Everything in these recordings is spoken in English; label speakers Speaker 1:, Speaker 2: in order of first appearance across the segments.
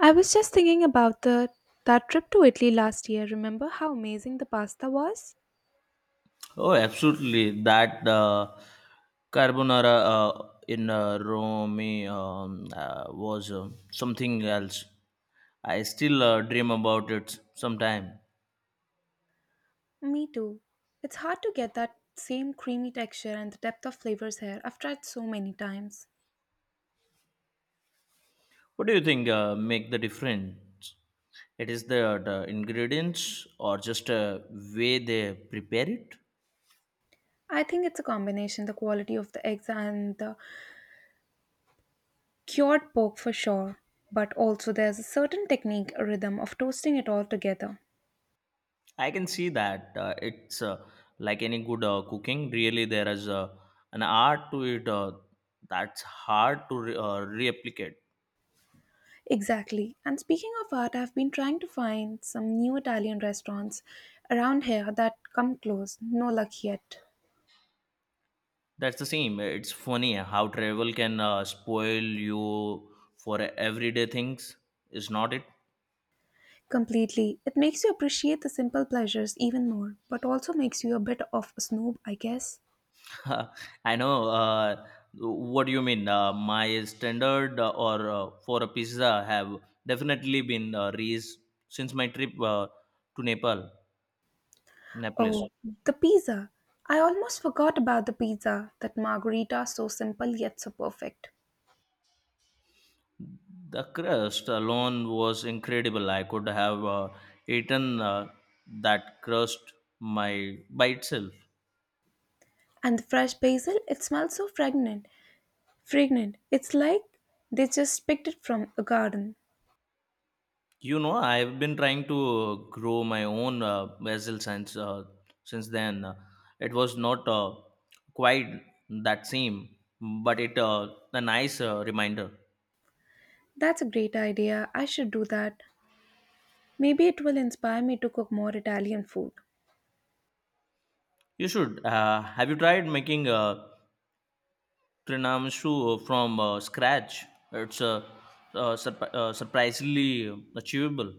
Speaker 1: I was just thinking about the that trip to Italy last year. Remember how amazing the pasta was?
Speaker 2: Oh, absolutely. That carbonara in Rome was something else. I still dream about it sometime.
Speaker 1: Me too. It's hard to get that same creamy texture and the depth of flavors here. I've tried so many times.
Speaker 2: What do you think make the difference? It is the ingredients or just way they prepare it?
Speaker 1: I think it's a combination the quality of the eggs and the cured pork for sure, but also there's a certain technique or rhythm of toasting it all together.
Speaker 2: I can see that it's like any good cooking. Really, there is an art to it that's hard to replicate.
Speaker 1: Exactly. And speaking of art, I've been trying to find some new Italian restaurants around here that come close. No luck yet.
Speaker 2: That's the same. It's funny how travel can spoil you for everyday things. Is not it?
Speaker 1: Completely. It makes you appreciate the simple pleasures even more, but also makes you a bit of a snob, I guess.
Speaker 2: I know. What do you mean? My standard or for a pizza have definitely been raised since my trip to Nepal, Naples.
Speaker 1: Oh, the pizza. I almost forgot about the pizza, that margarita so simple yet so perfect.
Speaker 2: The crust alone was incredible. I could have eaten that crust my by itself.
Speaker 1: And the fresh basil, it smells so fragrant. Fragrant. It's like they just picked it from a garden.
Speaker 2: You know, I've been trying to grow my own basil since then. It was not quite that same, but it a nice reminder.
Speaker 1: That's a great idea. I should do that. Maybe it will inspire me to cook more Italian food.
Speaker 2: You should. Have you tried making trinamsu from scratch? It's surprisingly achievable.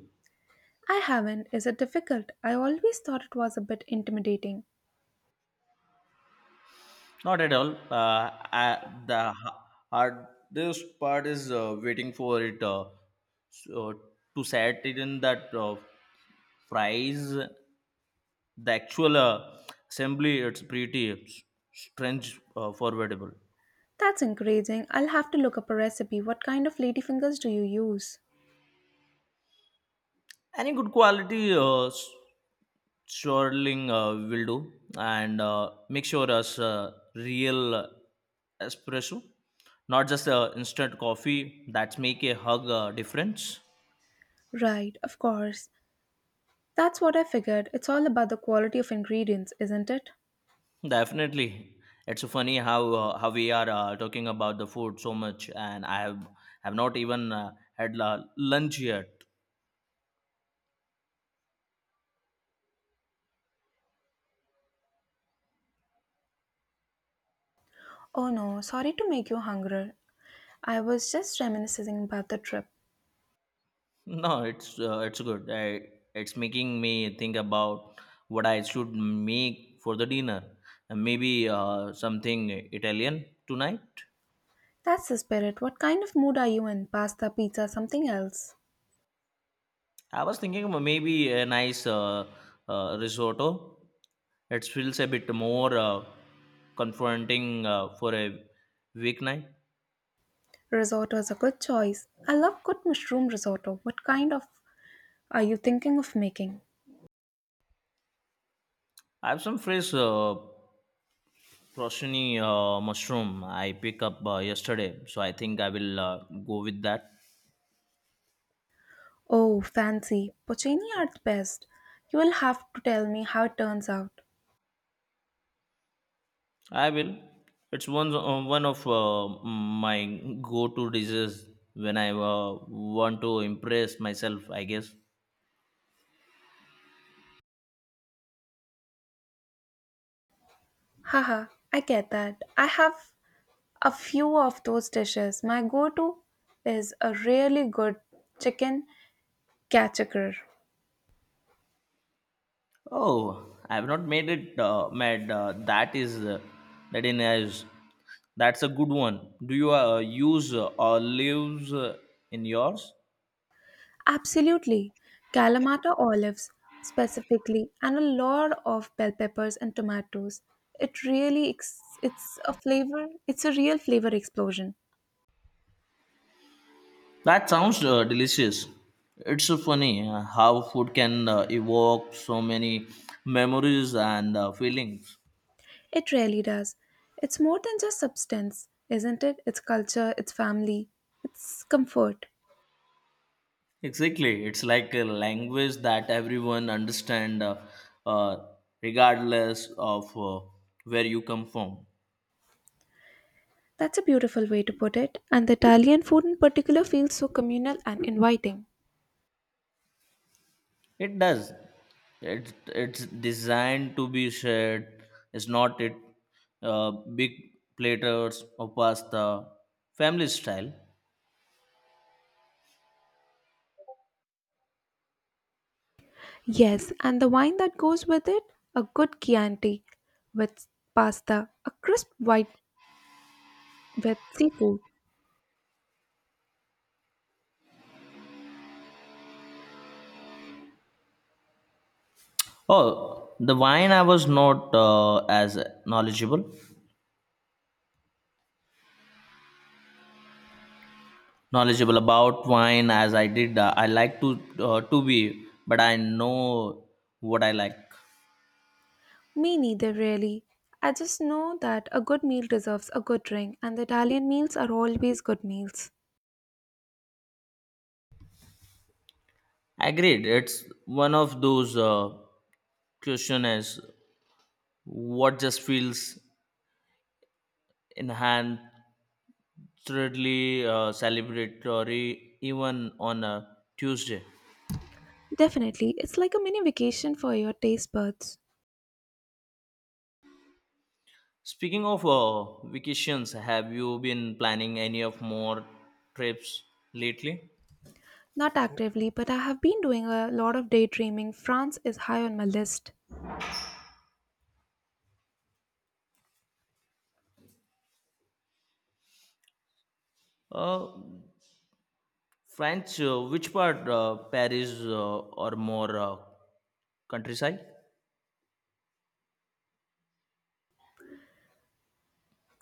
Speaker 1: I haven't. Is it difficult? I always thought it was a bit intimidating.
Speaker 2: Not at all. The ha- hardest part is waiting for it so to set it in that fries. The actual assembly, it's pretty strange, forgettable.
Speaker 1: That's encouraging. I'll have to look up a recipe. What kind of ladyfingers do you use?
Speaker 2: Any good quality swirling will do, and make sure as real espresso, not just instant coffee. That's make a hug difference.
Speaker 1: Right, of course. That's what I figured. It's all about the quality of ingredients, isn't it?
Speaker 2: Definitely, it's funny how we are talking about the food so much, and I have not even had lunch yet.
Speaker 1: Oh no, sorry to make you hungry. I was just reminiscing about the trip.
Speaker 2: No, it's good. I, it's making me think about what I should make for the dinner. And maybe something Italian tonight.
Speaker 1: That's the spirit. What kind of mood are you in? Pasta, pizza, something else?
Speaker 2: I was thinking of maybe a nice risotto. It feels a bit more confronting for a weeknight.
Speaker 1: Risotto is a good choice. I love good mushroom risotto. What kind of are you thinking of making?
Speaker 2: I have some fresh. Roshni mushroom I pick up yesterday, so I think I will go with that.
Speaker 1: Oh, fancy. Porcini are the best. You will have to tell me how it turns out.
Speaker 2: I will. It's one of my go-to dishes when I want to impress myself, I guess.
Speaker 1: Haha, I get that. I have a few of those dishes. My go to is a really good chicken cachacur.
Speaker 2: Oh, I have not made it. Mad. That is that in is That's a good one. Do you use olives in yours?
Speaker 1: Absolutely. Kalamata olives, specifically, and a lot of bell peppers and tomatoes. It really, it's a flavor, it's a real flavor explosion.
Speaker 2: That sounds delicious. It's so funny how food can evoke so many memories and feelings.
Speaker 1: It really does. It's more than just substance, isn't it? It's culture, it's family, it's comfort.
Speaker 2: Exactly, it's like a language that everyone understand, uh, regardless of where you come from.
Speaker 1: That's a beautiful way to put it, and the Italian food in particular feels so communal and inviting.
Speaker 2: It does. It's designed to be shared. It's not it big platters of pasta, family style.
Speaker 1: Yes, and the wine that goes with it a good Chianti with pasta, a crisp white with seafood.
Speaker 2: Oh, the wine I was not as knowledgeable knowledgeable about wine as I did. I like to be, but I know what I like.
Speaker 1: Me neither, really. I just know that a good meal deserves a good drink, and the Italian meals are always good meals.
Speaker 2: Agreed. It's one of those questions what just feels enhancedly celebratory even on a Tuesday.
Speaker 1: Definitely, it's like a mini vacation for your taste buds.
Speaker 2: Speaking of vacations, have you been planning any of more trips lately?
Speaker 1: Not actively, but I have been doing a lot of daydreaming. France is high on my list.
Speaker 2: Uh, France, which part? Paris or more countryside?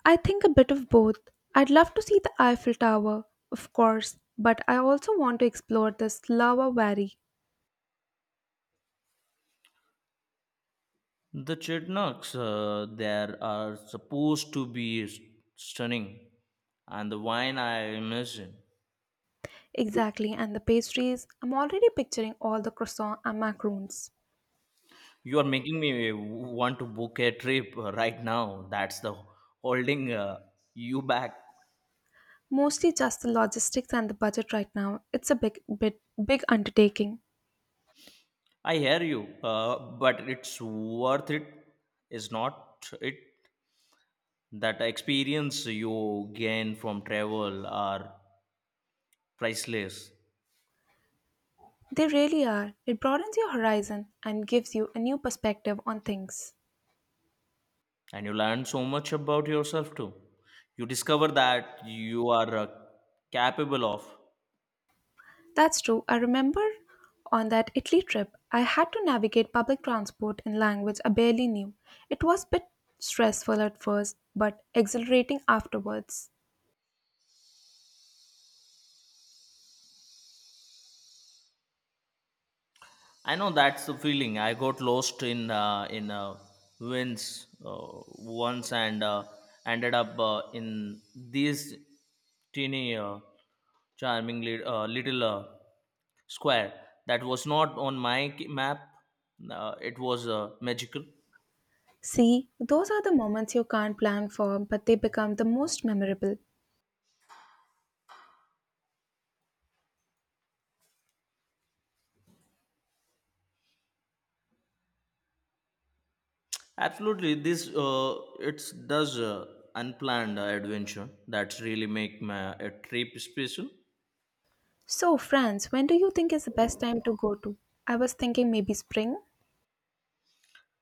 Speaker 1: I think a bit of both. I'd love to see the Eiffel Tower, of course, but I also want to explore the Slava Valley.
Speaker 2: The chestnuts there are supposed to be stunning, and the wine I imagine.
Speaker 1: Exactly, and the pastries. I'm already picturing all the croissants and macarons.
Speaker 2: You are making me want to book a trip right now. That's the holding you back.
Speaker 1: Mostly just the logistics and the budget right now. It's a big bit big undertaking.
Speaker 2: I hear you, but it's worth it, is not it? That experience you gain from travel are priceless.
Speaker 1: They really are. It broadens your horizon and gives you a new perspective on things.
Speaker 2: And you learn so much about yourself too. You discover that you are capable of.
Speaker 1: That's true. I remember on that Italy trip, I had to navigate public transport in language I barely knew. It was a bit stressful at first, but exhilarating afterwards.
Speaker 2: I know that's the feeling. I got lost in wins uh, once and ended up in this teeny charming little square that was not on my map. It was magical.
Speaker 1: See, those are the moments you can't plan for, but they become the most memorable.
Speaker 2: Absolutely, this it does unplanned adventure that really make my a trip special.
Speaker 1: So, France, when do you think is the best time to go to? I was thinking maybe spring.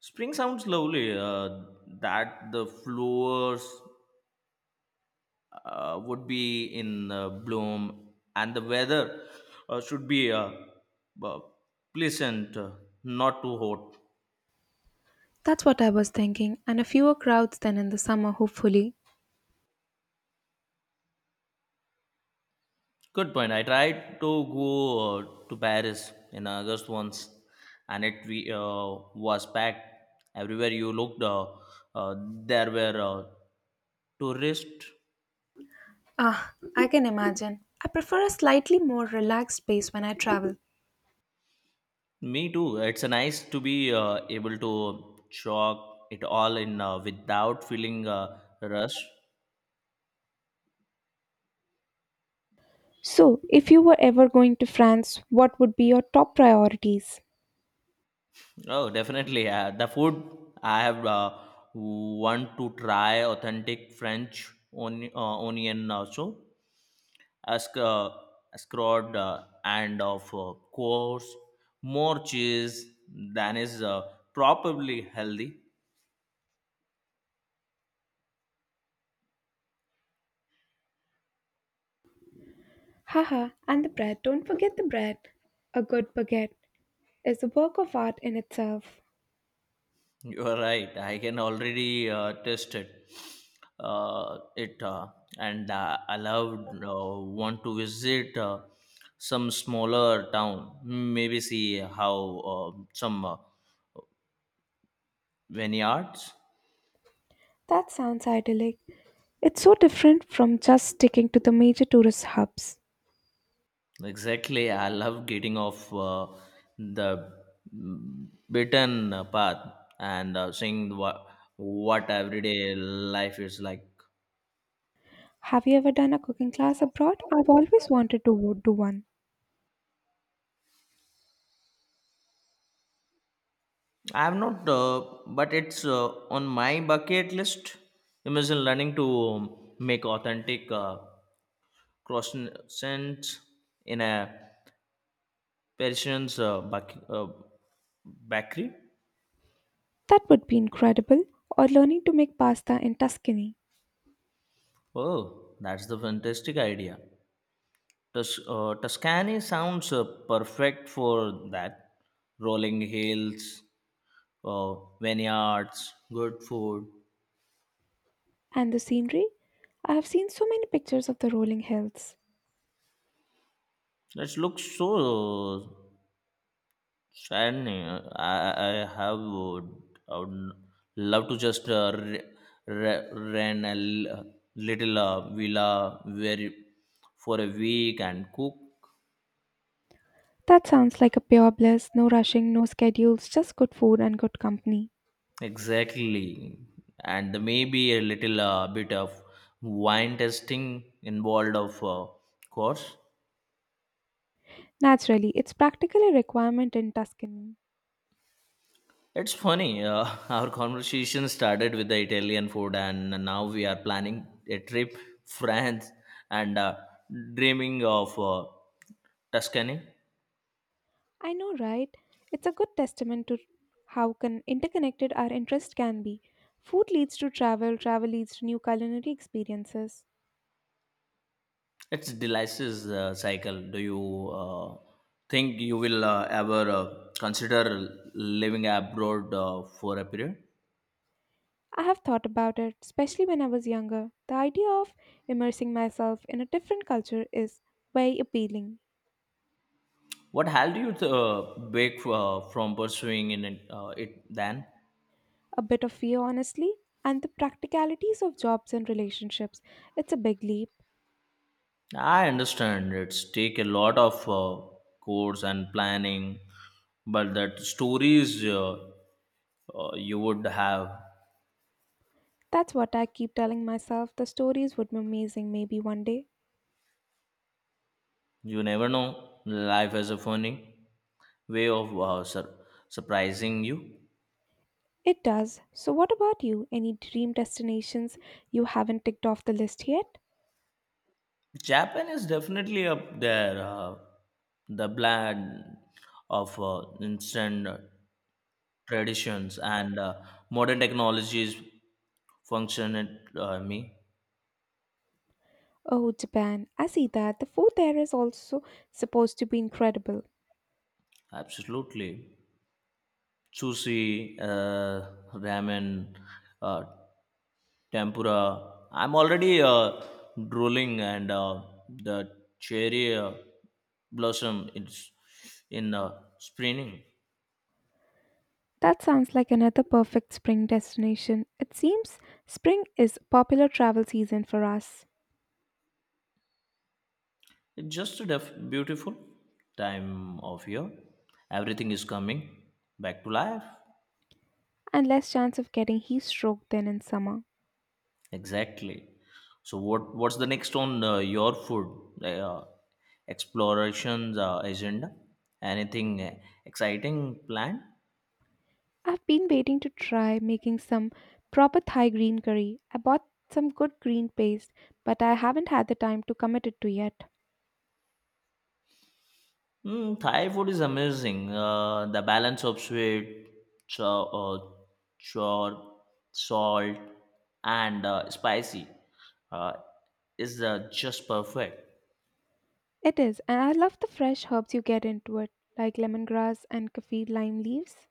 Speaker 2: Spring sounds lovely. That the flowers would be in bloom and the weather should be uh, pleasant, not too hot.
Speaker 1: That's what I was thinking, and a fewer crowds than in the summer, hopefully.
Speaker 2: Good point. I tried to go to Paris in August once, and it was packed everywhere you looked. Uh, there were tourists.
Speaker 1: Ah, I can imagine. I prefer a slightly more relaxed pace when I travel.
Speaker 2: Me too. It's nice to be able to chalk it all in without feeling rush.
Speaker 1: So, if you were ever going to France, what would be your top priorities?
Speaker 2: Oh, definitely. The food I have want to try authentic French onion also. Ask, scrod and of course more cheese than is probably healthy.
Speaker 1: Haha, and the bread. Don't forget the bread. A good baguette is a work of art in itself.
Speaker 2: You are right. I can already taste it. It and I loved want to visit some smaller town, maybe see how some vineyards.
Speaker 1: That sounds idyllic. It's so different from just sticking to the major tourist hubs.
Speaker 2: Exactly. I love getting off the beaten path and seeing what everyday life is like.
Speaker 1: Have you ever done a cooking class abroad? I've always wanted to do one.
Speaker 2: I have not, but it's on my bucket list. Imagine learning to make authentic croissants in a Parisian bakery.
Speaker 1: That would be incredible. Or learning to make pasta in Tuscany.
Speaker 2: Oh, that's the fantastic idea. Tuscany sounds perfect for that. Rolling hills, uh, vineyards, good food.
Speaker 1: And the scenery? I have seen so many pictures of the rolling hills.
Speaker 2: That looks so shiny. Have would, I would love to just rent a little villa for a week and cook.
Speaker 1: That sounds like a pure bliss no rushing, no schedules, just good food and good company.
Speaker 2: Exactly. And there may be a little bit of wine tasting involved, of course.
Speaker 1: Naturally, it's practically a requirement in Tuscany.
Speaker 2: It's funny, our conversation started with the Italian food, and now we are planning a trip France and dreaming of Tuscany.
Speaker 1: I know, right? It's a good testament to how interconnected our interests can be. Food leads to travel, travel leads to new culinary experiences.
Speaker 2: It's delicious cycle. Do you think you will ever consider living abroad for a period?
Speaker 1: I have thought about it, especially when I was younger. The idea of immersing myself in a different culture is very appealing.
Speaker 2: What held you back from pursuing in it, it then?
Speaker 1: A bit of fear, honestly, and the practicalities of jobs and relationships. It's a big leap.
Speaker 2: I understand it's take a lot of course and planning, but that stories you would have,
Speaker 1: That's what I keep telling myself. The stories would be amazing maybe one day.
Speaker 2: you never know. Life has a funny way of surprising you.
Speaker 1: It does. So, what about you? Any dream destinations you haven't ticked off the list yet?
Speaker 2: Japan is definitely up there. The blend of instant traditions and modern technologies function at me.
Speaker 1: Oh, Japan. I see that. The food there is also supposed to be incredible.
Speaker 2: Absolutely, sushi, uh, ramen, uh, tempura. I'm already drooling, and the cherry blossom is in springing.
Speaker 1: That sounds like another perfect spring destination. It seems spring is popular travel season for us,
Speaker 2: It's just a beautiful time of year. Everything is coming back to life.
Speaker 1: and less chance of getting heat stroke than in summer.
Speaker 2: Exactly. So what's the next on your food explorations agenda? Anything exciting planned?
Speaker 1: I've been waiting to try making some proper Thai green curry. I bought some good green paste, but I haven't had the time to commit it to yet.
Speaker 2: Mm, Thai food is amazing. The balance of sweet, cho- uh, chor, salt, and spicy uh, is just perfect.
Speaker 1: It is, and I love the fresh herbs you get into it, like lemongrass and kaffir lime leaves.